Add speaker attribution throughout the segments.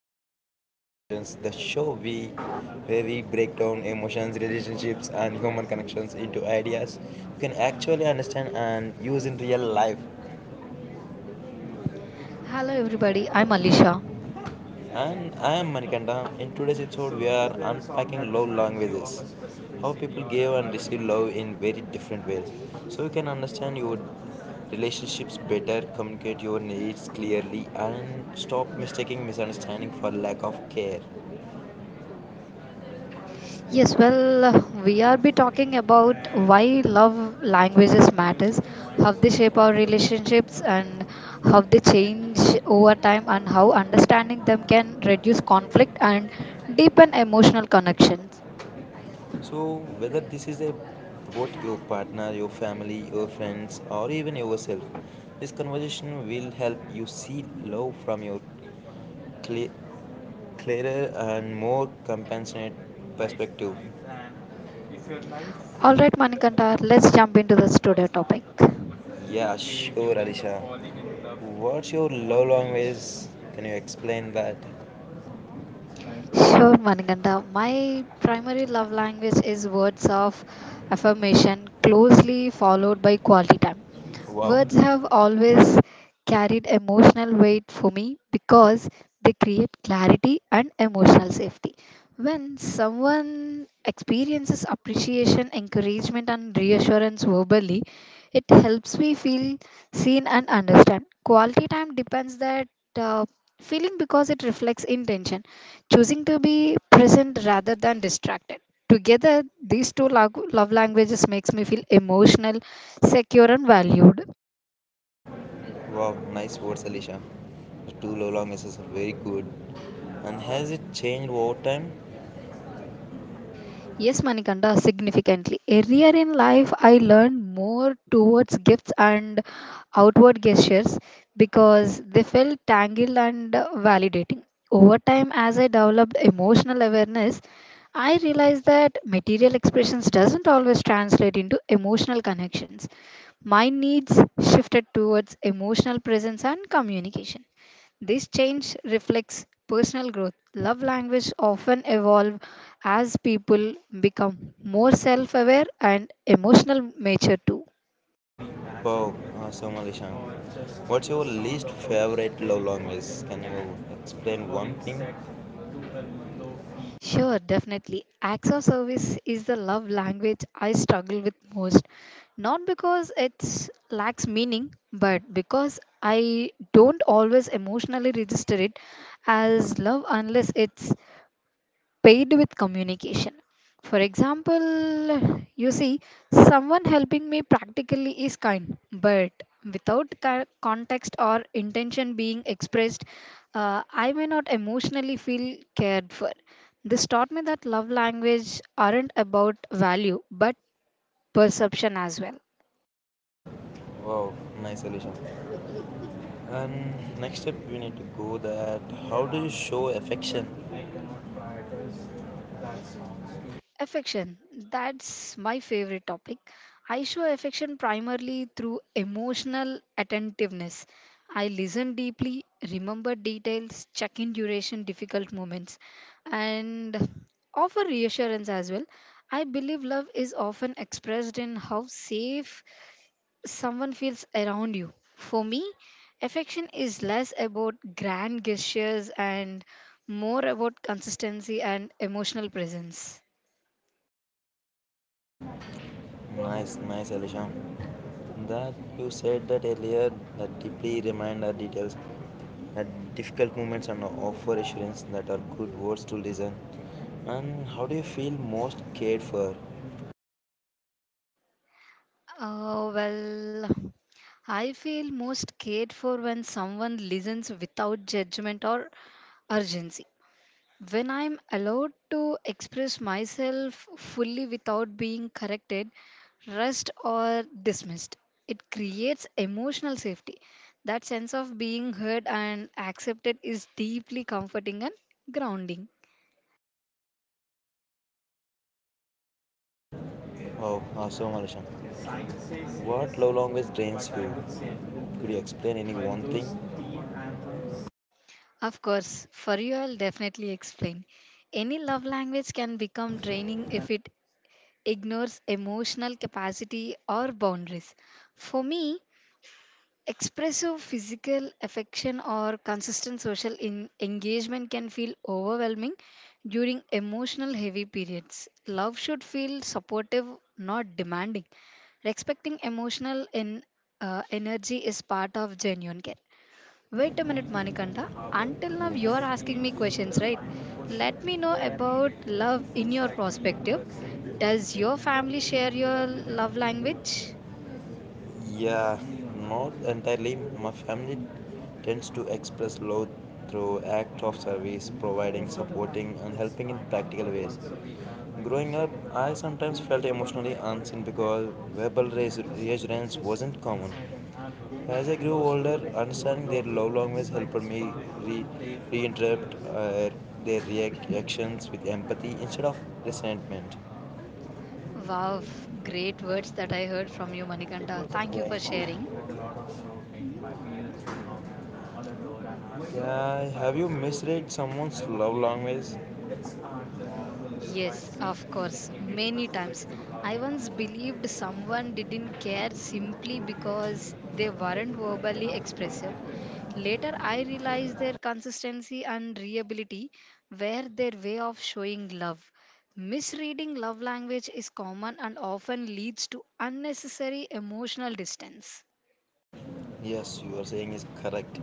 Speaker 1: to Heart Convergence, the show we where we break down emotions, relationships, and human connections into ideas you can actually understand and use in real life.
Speaker 2: Hello everybody, I'm Alisha.
Speaker 1: And I am Manikanda. In today's episode, we are unpacking love languages, how people give and receive love in very different ways, so you can understand your relationships better, communicate your needs clearly, and stop mistaking misunderstanding for lack of care.
Speaker 2: Yes, well, we are be talking about
Speaker 1: And
Speaker 2: why love
Speaker 1: what
Speaker 2: languages
Speaker 1: music
Speaker 2: matters, how
Speaker 1: reminds
Speaker 2: they
Speaker 1: you
Speaker 2: shape our
Speaker 1: of your best friend?
Speaker 2: relationships and how they change over time and how understanding them can reduce conflict and deepen emotional connections.
Speaker 1: So, whether about your partner, your family, your friends, or even yourself, this conversation will help you see love from your cle- clearer and more compassionate perspective. And if your life
Speaker 2: All right,
Speaker 1: were a
Speaker 2: Manikanta,
Speaker 1: movie,
Speaker 2: let's jump into this
Speaker 1: what
Speaker 2: today
Speaker 1: song
Speaker 2: topic.
Speaker 1: would play if you were Alisha. Falling in love? What's your love language? Can you explain that?
Speaker 2: Sure, Manikanta. My primary love language is words of affirmation, closely followed by quality time.
Speaker 1: Wow,
Speaker 2: Words have always carried emotional weight for me because they create clarity and emotional safety. When someone experiences appreciation, encouragement, and reassurance verbally, it helps me feel seen and understand. Quality time depends that uh, feeling because it reflects intention, choosing to be present rather than distracted. Together, these two love languages makes me feel emotional, secure, and valued.
Speaker 1: wow, nice words, Alicia. The two Lola misses are very good. And has it changed over time?
Speaker 2: Yes, Manikanda, significantly. Earlier in life, I learned more towards gifts and outward gestures because they felt tangled and validating. Over time, as I developed emotional awareness, I realized that material expressions doesn't always translate into emotional connections. My needs shifted towards emotional presence and communication. This change reflects personal growth. Love language often evolve as people become more self-aware and emotional mature too.
Speaker 1: Wow, awesome, Alicia. What's your least favorite Lola miss? Can you explain one thing?
Speaker 2: Sure, definitely. Acts of service is the love language I struggle with most. Not because it lacks meaning, but because I don't always emotionally register it as love unless it's paid with communication. For example, you see, someone helping me practically is kind, but without context or intention being expressed, I may not emotionally feel cared for. This taught me that love language aren't about value but perception as well.
Speaker 1: Wow, nice, Alicia. And next step, we need to go that how do you show affection?
Speaker 2: Affection. That's my favorite topic. I show affection primarily through emotional attentiveness. I listen deeply, remember details, check in duration, difficult moments, and offer reassurance as well. I believe love is often expressed in how safe someone feels around you. For me, affection is less about grand gestures and more about consistency and emotional presence.
Speaker 1: Nice, nice, Alisha. That you said that earlier that deeply remind our details that difficult moments and offer assurance that are good words to listen. And how do you feel most cared for?
Speaker 2: Oh, well, I feel most cared for when someone listens without judgment or urgency. When I'm allowed to express myself fully without being corrected, rushed, or dismissed, it creates emotional safety. That sense of being heard and accepted is deeply comforting and grounding.
Speaker 1: Oh, awesome, Alisha. What love language drains you? Could you explain any one thing?
Speaker 2: Of course, for you, I'll definitely explain. Any love language can become draining if it ignores emotional capacity or boundaries. For me, expressive physical affection or consistent social engagement can feel overwhelming during emotional heavy periods. Love should feel supportive, not demanding. Respecting emotional energy is part of genuine care.
Speaker 1: For
Speaker 2: Wait a minute,
Speaker 1: leaving
Speaker 2: Manikanta.
Speaker 1: the harbor, yes.
Speaker 2: Until now,
Speaker 1: and Yes.
Speaker 2: you're
Speaker 1: It
Speaker 2: asking
Speaker 1: gave
Speaker 2: me
Speaker 1: me
Speaker 2: questions,
Speaker 1: the
Speaker 2: right?
Speaker 1: final push
Speaker 2: Let me know
Speaker 1: that I
Speaker 2: about
Speaker 1: needed.
Speaker 2: love in
Speaker 1: It's
Speaker 2: your
Speaker 1: like the
Speaker 2: perspective.
Speaker 1: universe sent the
Speaker 2: Does your
Speaker 1: MMO
Speaker 2: family share
Speaker 1: with a
Speaker 2: your
Speaker 1: melody.
Speaker 2: love
Speaker 1: To the
Speaker 2: language?
Speaker 1: person. Yeah, not entirely. My family tends to express love through acts of service, providing, supporting, and helping in practical ways. Growing up, I sometimes felt emotionally unseen because reassurance wasn't common. As I grew older, understanding their love language helped me re- reinterpret their reactions with empathy instead of resentment.
Speaker 2: Wow, great words that I heard from you, Manikanda. Thank you for
Speaker 1: Thank
Speaker 2: sharing.
Speaker 1: you. Yeah, have you misread someone's love language?
Speaker 2: Yes, of course, many times. I once believed someone didn't care simply because they weren't verbally expressive. Later, I realized their consistency and reliability were their way of showing love. Misreading love language is common and often leads to unnecessary emotional distance.
Speaker 1: Yes, you are saying is correct.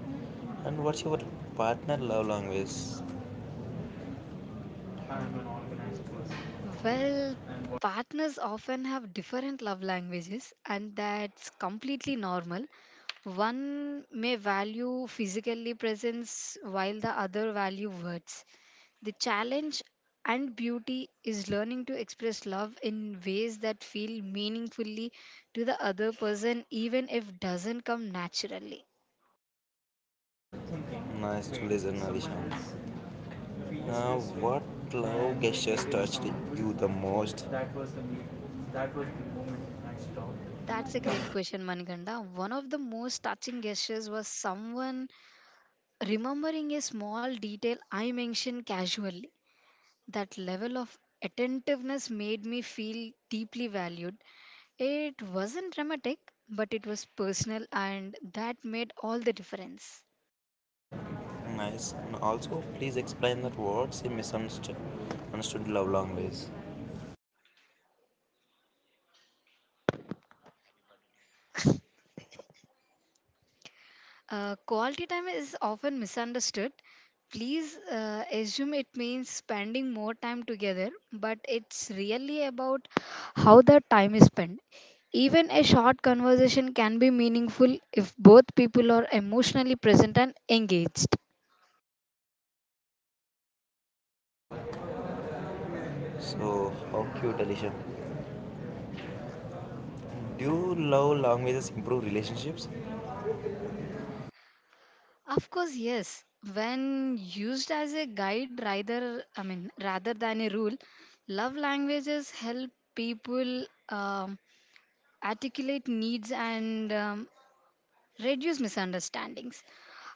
Speaker 1: And what's your partner love language?
Speaker 2: Well, partners often have different love languages, and that's completely normal. One may value physically presence while the other value words. The challenge and beauty is learning to express love in ways that feel meaningfully to the other person even if doesn't come naturally.
Speaker 1: Nice to listen, Alisha. Now, what love gestures touched you the most?
Speaker 2: That's a great question, Manikanda. One of the most touching gestures was someone remembering a small detail I mentioned casually, that level of attentiveness made me feel deeply valued. It wasn't dramatic, but it was personal, and that made all the difference.
Speaker 1: Nice. And also, please explain that what's a misunderstood understood love language.
Speaker 2: Quality time is often misunderstood. Please assume it means spending more time together, but it's really about how the time is spent. Even a short conversation can be meaningful if both people are emotionally present and engaged.
Speaker 1: So, how cute, Alicia. Do you love languages improve relationships?
Speaker 2: Of course, yes. When used as a guide rather I mean rather than a rule, love languages help people articulate needs and reduce misunderstandings.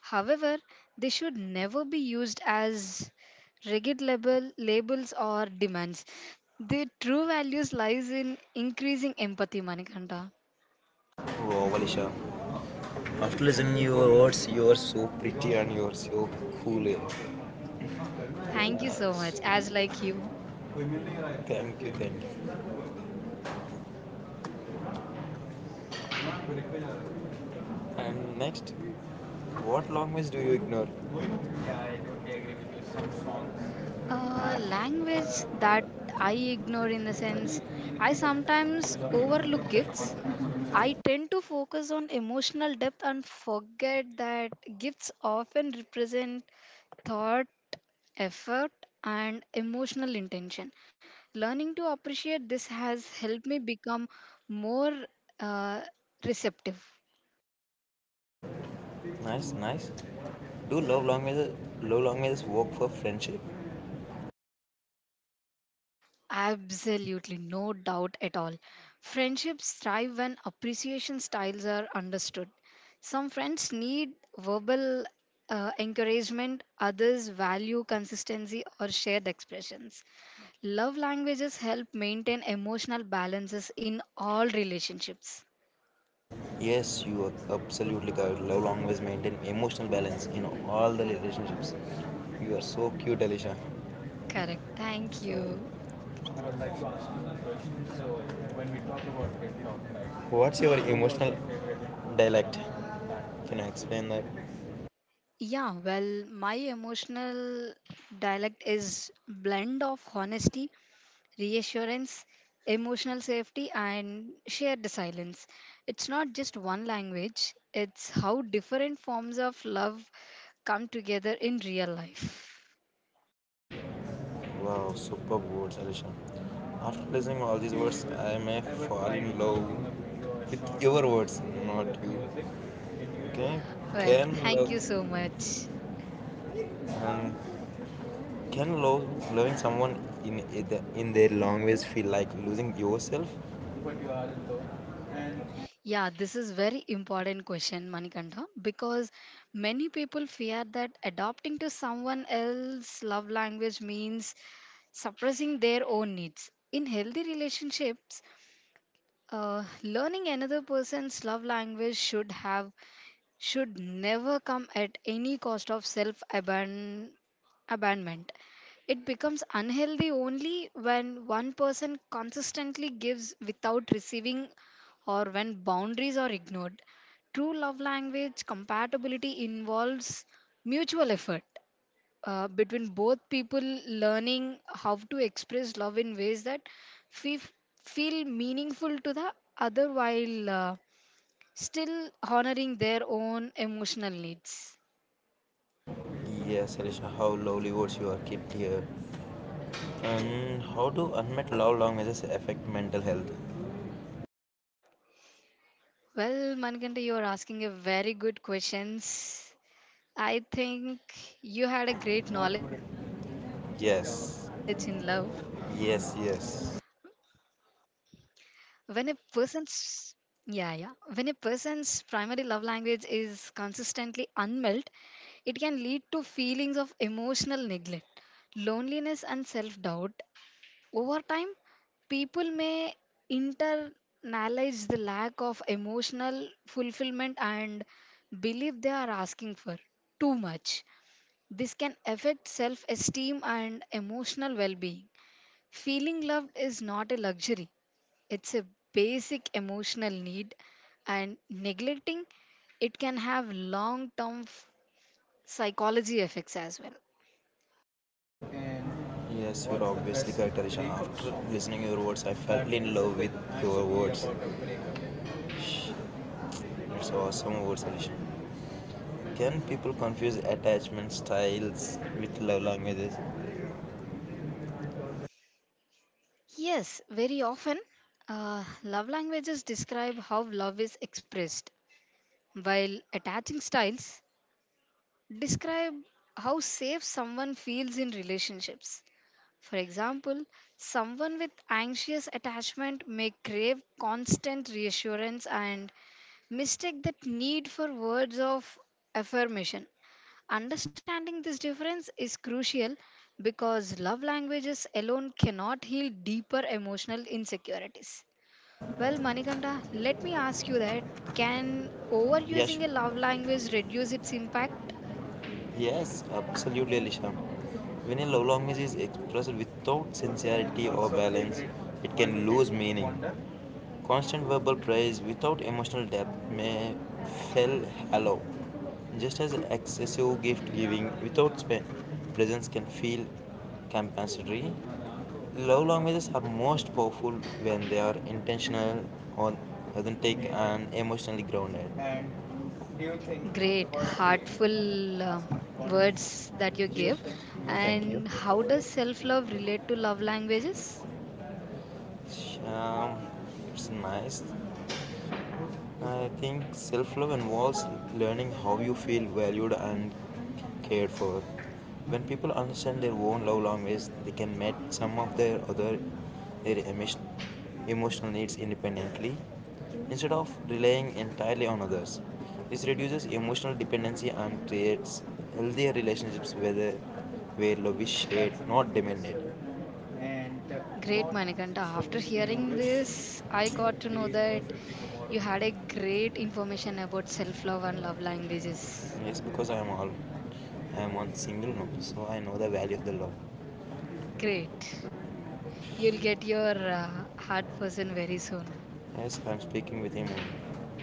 Speaker 2: However, they should never be used as rigid labels or demands. Their true values lies in increasing empathy, Manikanta.
Speaker 1: Wow, Alicia. After listening to your words, you are so pretty and you are so cool. Eh?
Speaker 2: Thank you so
Speaker 1: Nice.
Speaker 2: much. As like you.
Speaker 1: Thank you, thank you. And next, what language do you ignore? Yeah, I totally agree with you. Some songs.
Speaker 2: Language that I ignore in the sense I sometimes overlook gifts. I tend to focus on emotional depth and forget that gifts often represent thought, effort, and emotional intention. Learning to appreciate this has helped me become more uh, receptive.
Speaker 1: Nice, nice. Do love languages work for friendship?
Speaker 2: Absolutely, no doubt at all. Friendships thrive when appreciation styles are understood. Some friends need verbal encouragement, others value consistency or shared expressions. Love languages help maintain emotional balances in all relationships.
Speaker 1: Yes, you are absolutely correct. Love languages maintain emotional balance in all the relationships. You are so cute, Alicia.
Speaker 2: Correct. Thank you.
Speaker 1: What's your emotional dialect? Can you explain that?
Speaker 2: Yeah, well, my emotional dialect is blend of honesty, reassurance, emotional safety and shared silence. It's not just one language, it's how different forms of love come together in real life.
Speaker 1: Wow, superb words, Alisha. After listening all these words, I may fall in love with your words, not you. Okay?
Speaker 2: Well,
Speaker 1: Can
Speaker 2: thank
Speaker 1: love
Speaker 2: you so much.
Speaker 1: and can love Loving someone in it- in their language feel like losing yourself?
Speaker 2: Yeah, this is very important question, Manikanda, because many people fear that adopting to someone else's love language means suppressing their own needs. In healthy relationships, learning another person's love language should never come at any cost of self abandonment. It becomes unhealthy only when one person consistently gives without receiving or when boundaries are ignored. True love language compatibility involves mutual effort between both people learning how to express love in ways that fe- feel meaningful to the other while still honoring their own emotional needs.
Speaker 1: Yes, Alisha. How lovely words you are kept here. And how do unmet love languages affect mental health?
Speaker 2: Well, Manikanta, you are asking a very good questions. I think you had a great knowledge in love.
Speaker 1: Yes, yes.
Speaker 2: when a person's yeah yeah when a person's primary love language is consistently unmet, it can lead to feelings of emotional neglect, loneliness and self-doubt. Over time, people may internalize the lack of emotional fulfillment and believe they are asking for too much. This can affect self-esteem and emotional well-being. Feeling loved is not a luxury, it's a basic emotional need, and neglecting it can have long term psychology effects as well.
Speaker 1: Yes, you're obviously correct, Arishan. After listening your words, I fell in love with your words. It's awesome words, Arishan. Can people confuse attachment styles with love languages?
Speaker 2: Yes, very often love languages describe how love is expressed, while attaching styles describe how safe someone feels in relationships. For example, someone with anxious attachment may crave constant reassurance and mistake that need for words of affirmation. Understanding this difference is crucial because love languages alone cannot heal deeper emotional insecurities. Well, Manikanta, let me ask you that can
Speaker 1: Yes,
Speaker 2: overusing a love language reduce its impact?
Speaker 1: Yes, absolutely, Alisha. When a love language is expressed without sincerity or balance, it can lose meaning. Constant verbal praise without emotional depth may feel hollow, just as excessive gift giving without presence can feel compensatory. Love languages are most powerful when they are intentional or authentic and emotionally grounded. Do you think
Speaker 2: Great,
Speaker 1: about it?
Speaker 2: heartful
Speaker 1: I'm asking accordingly.
Speaker 2: words that you
Speaker 1: Do you
Speaker 2: give.
Speaker 1: think music Thank you.
Speaker 2: And how
Speaker 1: Is
Speaker 2: does self love relate to love languages?
Speaker 1: the world? It's nice. I think self love involves learning how you feel valued and cared for. When people understand their own love language, they can meet some of their other their emis- emotional needs independently instead of relying entirely on others. This reduces emotional dependency and creates healthier relationships where love is shared, not demanded. And
Speaker 2: Great,
Speaker 1: What
Speaker 2: Manikanta. After
Speaker 1: instrument do you
Speaker 2: hearing
Speaker 1: wish
Speaker 2: this, I
Speaker 1: you
Speaker 2: got
Speaker 1: could
Speaker 2: to know
Speaker 1: play
Speaker 2: that
Speaker 1: perfectly tomorrow?
Speaker 2: you had a great information about self love and love languages.
Speaker 1: Yes, because I am one single now, so I know the value of the law.
Speaker 2: Great. You'll get your heart person very soon.
Speaker 1: Yes, I am speaking with him only.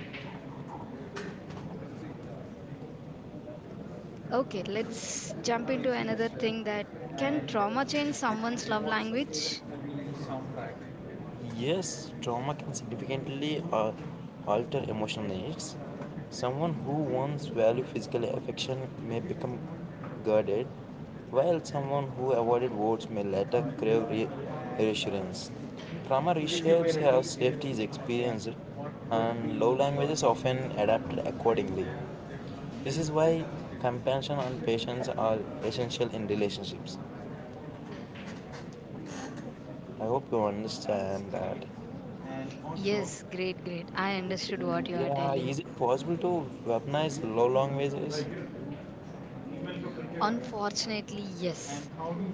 Speaker 2: Okay, let's jump into
Speaker 1: Amazing,
Speaker 2: another
Speaker 1: Esther.
Speaker 2: thing that can
Speaker 1: And
Speaker 2: trauma change someone's love
Speaker 1: What's your favorite
Speaker 2: language?
Speaker 1: movie soundtrack? Yes, trauma can significantly alter emotional needs. Someone who once valued physical affection may become guarded, while someone who avoided words may later crave reassurance. Trauma reshapes how safety is experienced, and love languages often adapted accordingly. This is why compassion and patience are essential in relationships. I hope you understand that.
Speaker 2: Yes, great, great. I understood what you are
Speaker 1: Yeah, is
Speaker 2: telling.
Speaker 1: it possible to weaponize low languages?
Speaker 2: Unfortunately, yes.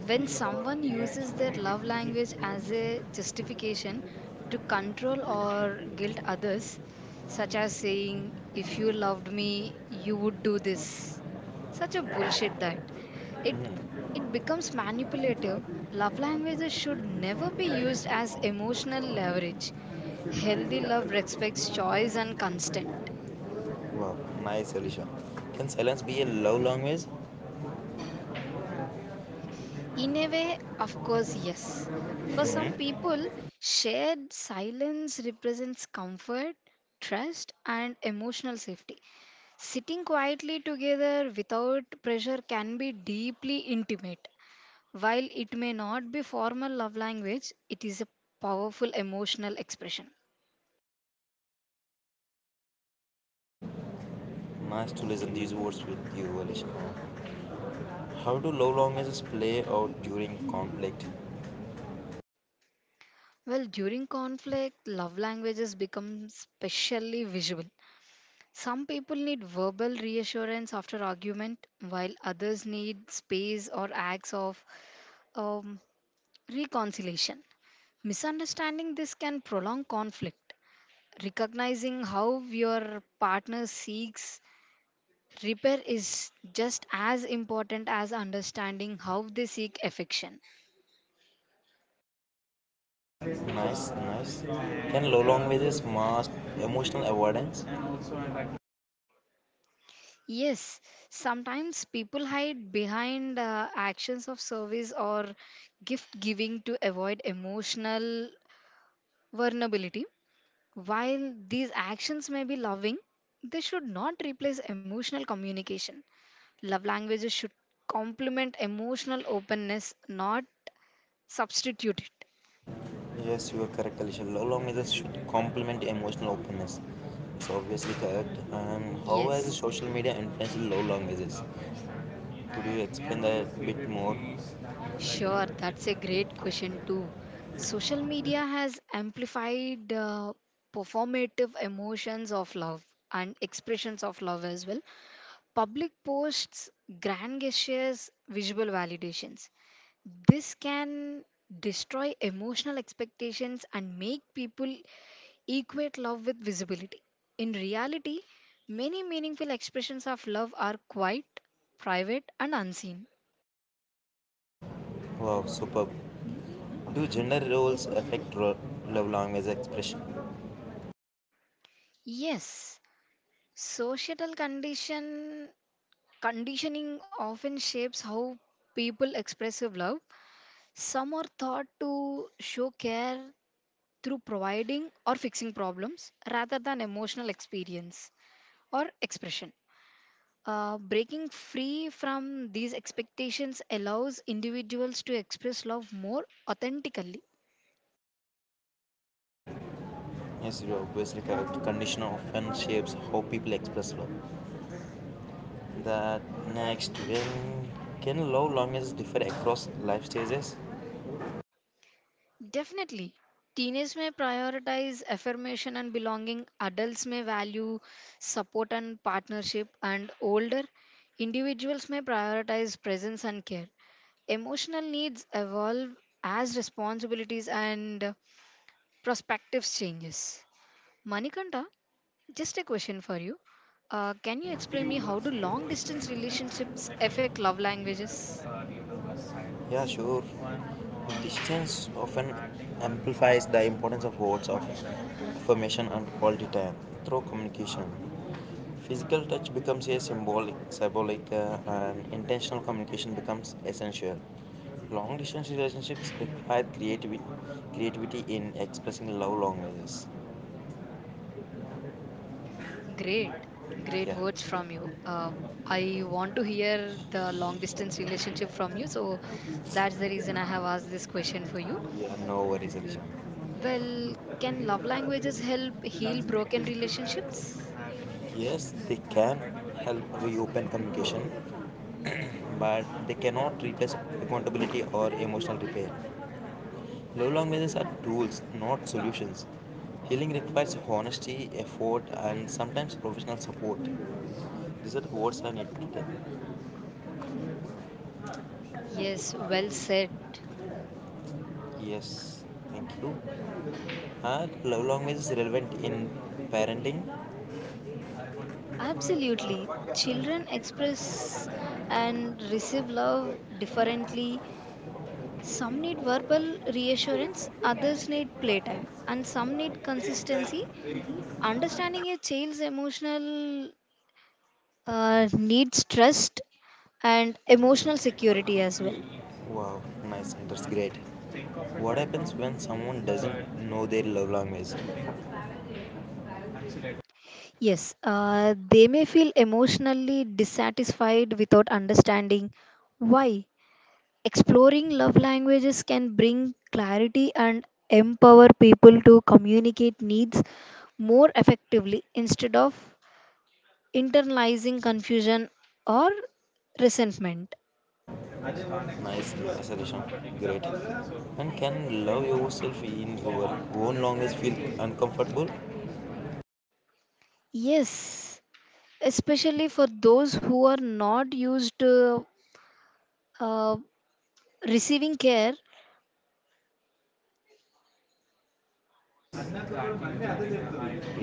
Speaker 2: When someone uses their love language as a justification to control or guilt others, such as saying, if you loved me, you would do this, such a bullshit that it, it becomes manipulative. Love languages should never be used as emotional leverage. Healthy love respects choice and consent.
Speaker 1: Wow, nice, Alicia. Can silence be a love language?
Speaker 2: In a way, of course, yes. For some
Speaker 1: Hmm.
Speaker 2: people, shared silence represents comfort, trust, and emotional safety. Sitting quietly together without pressure can be deeply intimate. While it may not be formal love language, it is a powerful emotional expression.
Speaker 1: Nice to listen these words with you, Alicia. How do love languages play out during conflict?
Speaker 2: Well, during conflict, love languages become specially visual. Some people need verbal reassurance after argument, while others need space or acts of um, reconciliation. Misunderstanding this can prolong conflict. Recognizing how your partner seeks repair is just as important as understanding how they seek affection.
Speaker 1: Nice, nice. Can love languages mask emotional avoidance?
Speaker 2: Yes, sometimes people hide behind actions of service or gift giving to avoid emotional vulnerability. While these actions may be loving, they should not replace emotional communication. Love languages should complement emotional openness, not substitute it.
Speaker 1: Yes, you are correct, Alisha. Love languages should complement emotional openness. It's obviously correct. And how has
Speaker 2: Yes,
Speaker 1: social media influenced love languages? Could you explain that a bit more?
Speaker 2: sure, that's a great question too. Social media has amplified performative emotions of love and expressions of love as well. Public posts, grand gestures, visual validations. This can destroy emotional expectations and make people equate love with visibility. In reality, many meaningful expressions of love are quiet, private, and unseen.
Speaker 1: Wow, superb. Do gender roles affect love language expression?
Speaker 2: Yes, societal condition conditioning often shapes how people express of love. Some are taught to show care through providing or fixing problems rather than emotional experience or expression. Breaking free from these expectations allows individuals to express love more authentically.
Speaker 1: Yes, you are obviously correct. Condition often shapes how people express love. That next, when can love languages differ across life stages?
Speaker 2: Definitely. Teenagers may prioritize affirmation and belonging, adults may value support and partnership, and older individuals may prioritize presence and care. Emotional needs evolve as responsibilities and perspectives changes. Manikanta, just a question for you. Can you
Speaker 1: Do
Speaker 2: explain
Speaker 1: you
Speaker 2: me how do
Speaker 1: love
Speaker 2: long
Speaker 1: Irish
Speaker 2: distance
Speaker 1: music?
Speaker 2: relationships
Speaker 1: I mean,
Speaker 2: affect love languages?
Speaker 1: do you love West Side one or Distance often romantic amplifies the importance of words of affirmation and quality time through communication. Physical touch becomes a symbolic, symbolic and intentional communication becomes essential. Long distance relationships require creativity in expressing love languages.
Speaker 2: Great, great
Speaker 1: Yeah,
Speaker 2: words from you. I want to hear the long distance relationship from you, so that's the reason I have asked this question for you.
Speaker 1: yeah, no worries, Alisha.
Speaker 2: Well, can love languages help heal broken relationships?
Speaker 1: Yes, they can help reopen communication, but they cannot replace accountability or emotional repair. Love languages are tools, not solutions. Healing requires honesty, effort, and sometimes professional support. These are the words I need to tell.
Speaker 2: Yes, well said.
Speaker 1: Yes, thank you. Are love languages relevant in parenting?
Speaker 2: Absolutely. Children express and receive love differently. Some need verbal reassurance, others need playtime, and some need consistency. Understanding a child's emotional needs trust and emotional security as well.
Speaker 1: Wow, nice, that's great. What happens when someone doesn't know their love language?
Speaker 2: Yes, they may feel emotionally dissatisfied without understanding why. Exploring love languages can bring clarity and empower people to communicate needs more effectively instead of internalizing confusion or resentment.
Speaker 1: Nice suggestion. Great. And can love yourself in your own language feel uncomfortable?
Speaker 2: Yes, especially for those who are not used to uh, receiving care.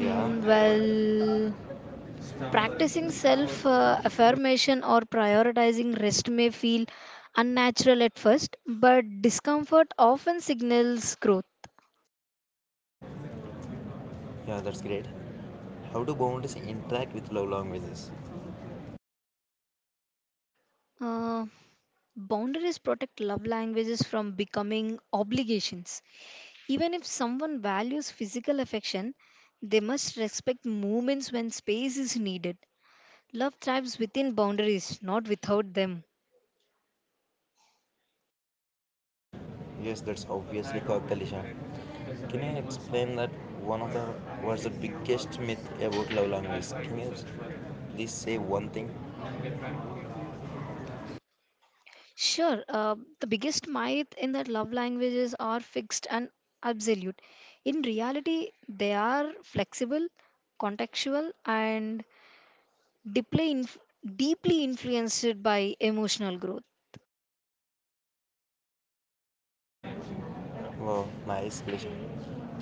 Speaker 2: Mm, well, practicing self affirmation or prioritizing rest may feel unnatural at first, but discomfort often signals growth.
Speaker 1: Yeah, that's great. How do boundaries interact with love languages?
Speaker 2: Uh, boundaries protect love languages from becoming obligations. Even if someone values physical affection, they must respect moments when space is needed. Love thrives within boundaries, not without them.
Speaker 1: Yes, that's obviously a collision. Can you explain that one of the what's the biggest myth about love language? Can you please say one thing?
Speaker 2: Sure, the biggest myth in that love languages are fixed and absolute. In reality, they are flexible, contextual, and deeply, inf- deeply influenced by emotional growth.
Speaker 1: Wow, nice collision.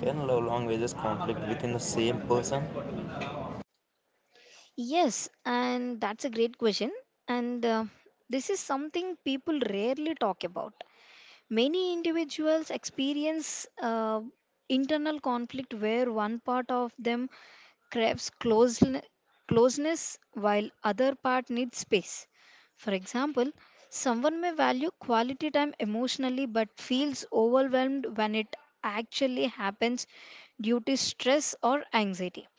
Speaker 1: Can love languages conflict within the same person?
Speaker 2: Yes, and that's a great question. And this is something people rarely talk about. Many individuals experience internal conflict where one part of them craves closeness while other part needs space. For example, someone may value quality time emotionally but feels overwhelmed when it actually happens due to stress or anxiety.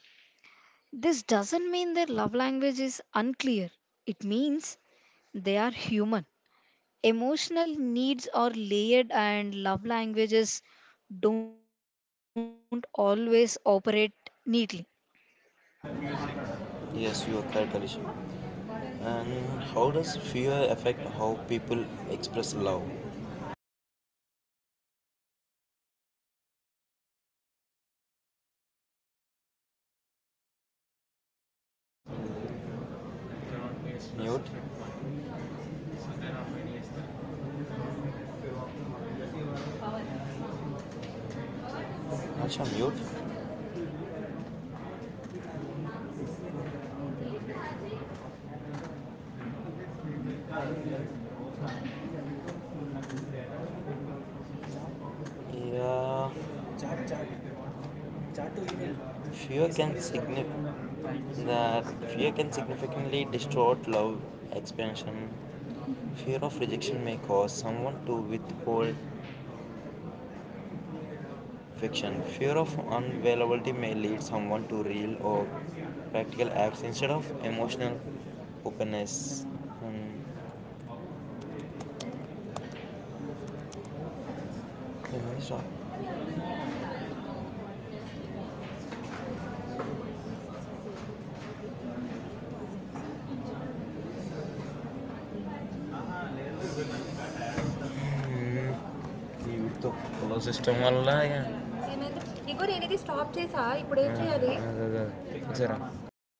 Speaker 2: This doesn't mean their love language is unclear. It means they are human. Emotional needs are layered, and love languages don't always operate neatly.
Speaker 1: Yes, you are correct, Alicia. And how does fear affect how people express love? Mute? Asha, mute? Yeah. Fear can signif- that Fear can significantly distort love expansion. Fear of rejection may cause someone to withhold affection. Fear of unavailability may lead someone to real or practical acts instead of emotional openness. Um, can you stop? వీటితో కుల system వల్ల ఇక ఏమైంది? ఇగో నేను ఇది stop చేసా. ఇప్పుడు ఏం చేయాలి? అదే. సరే.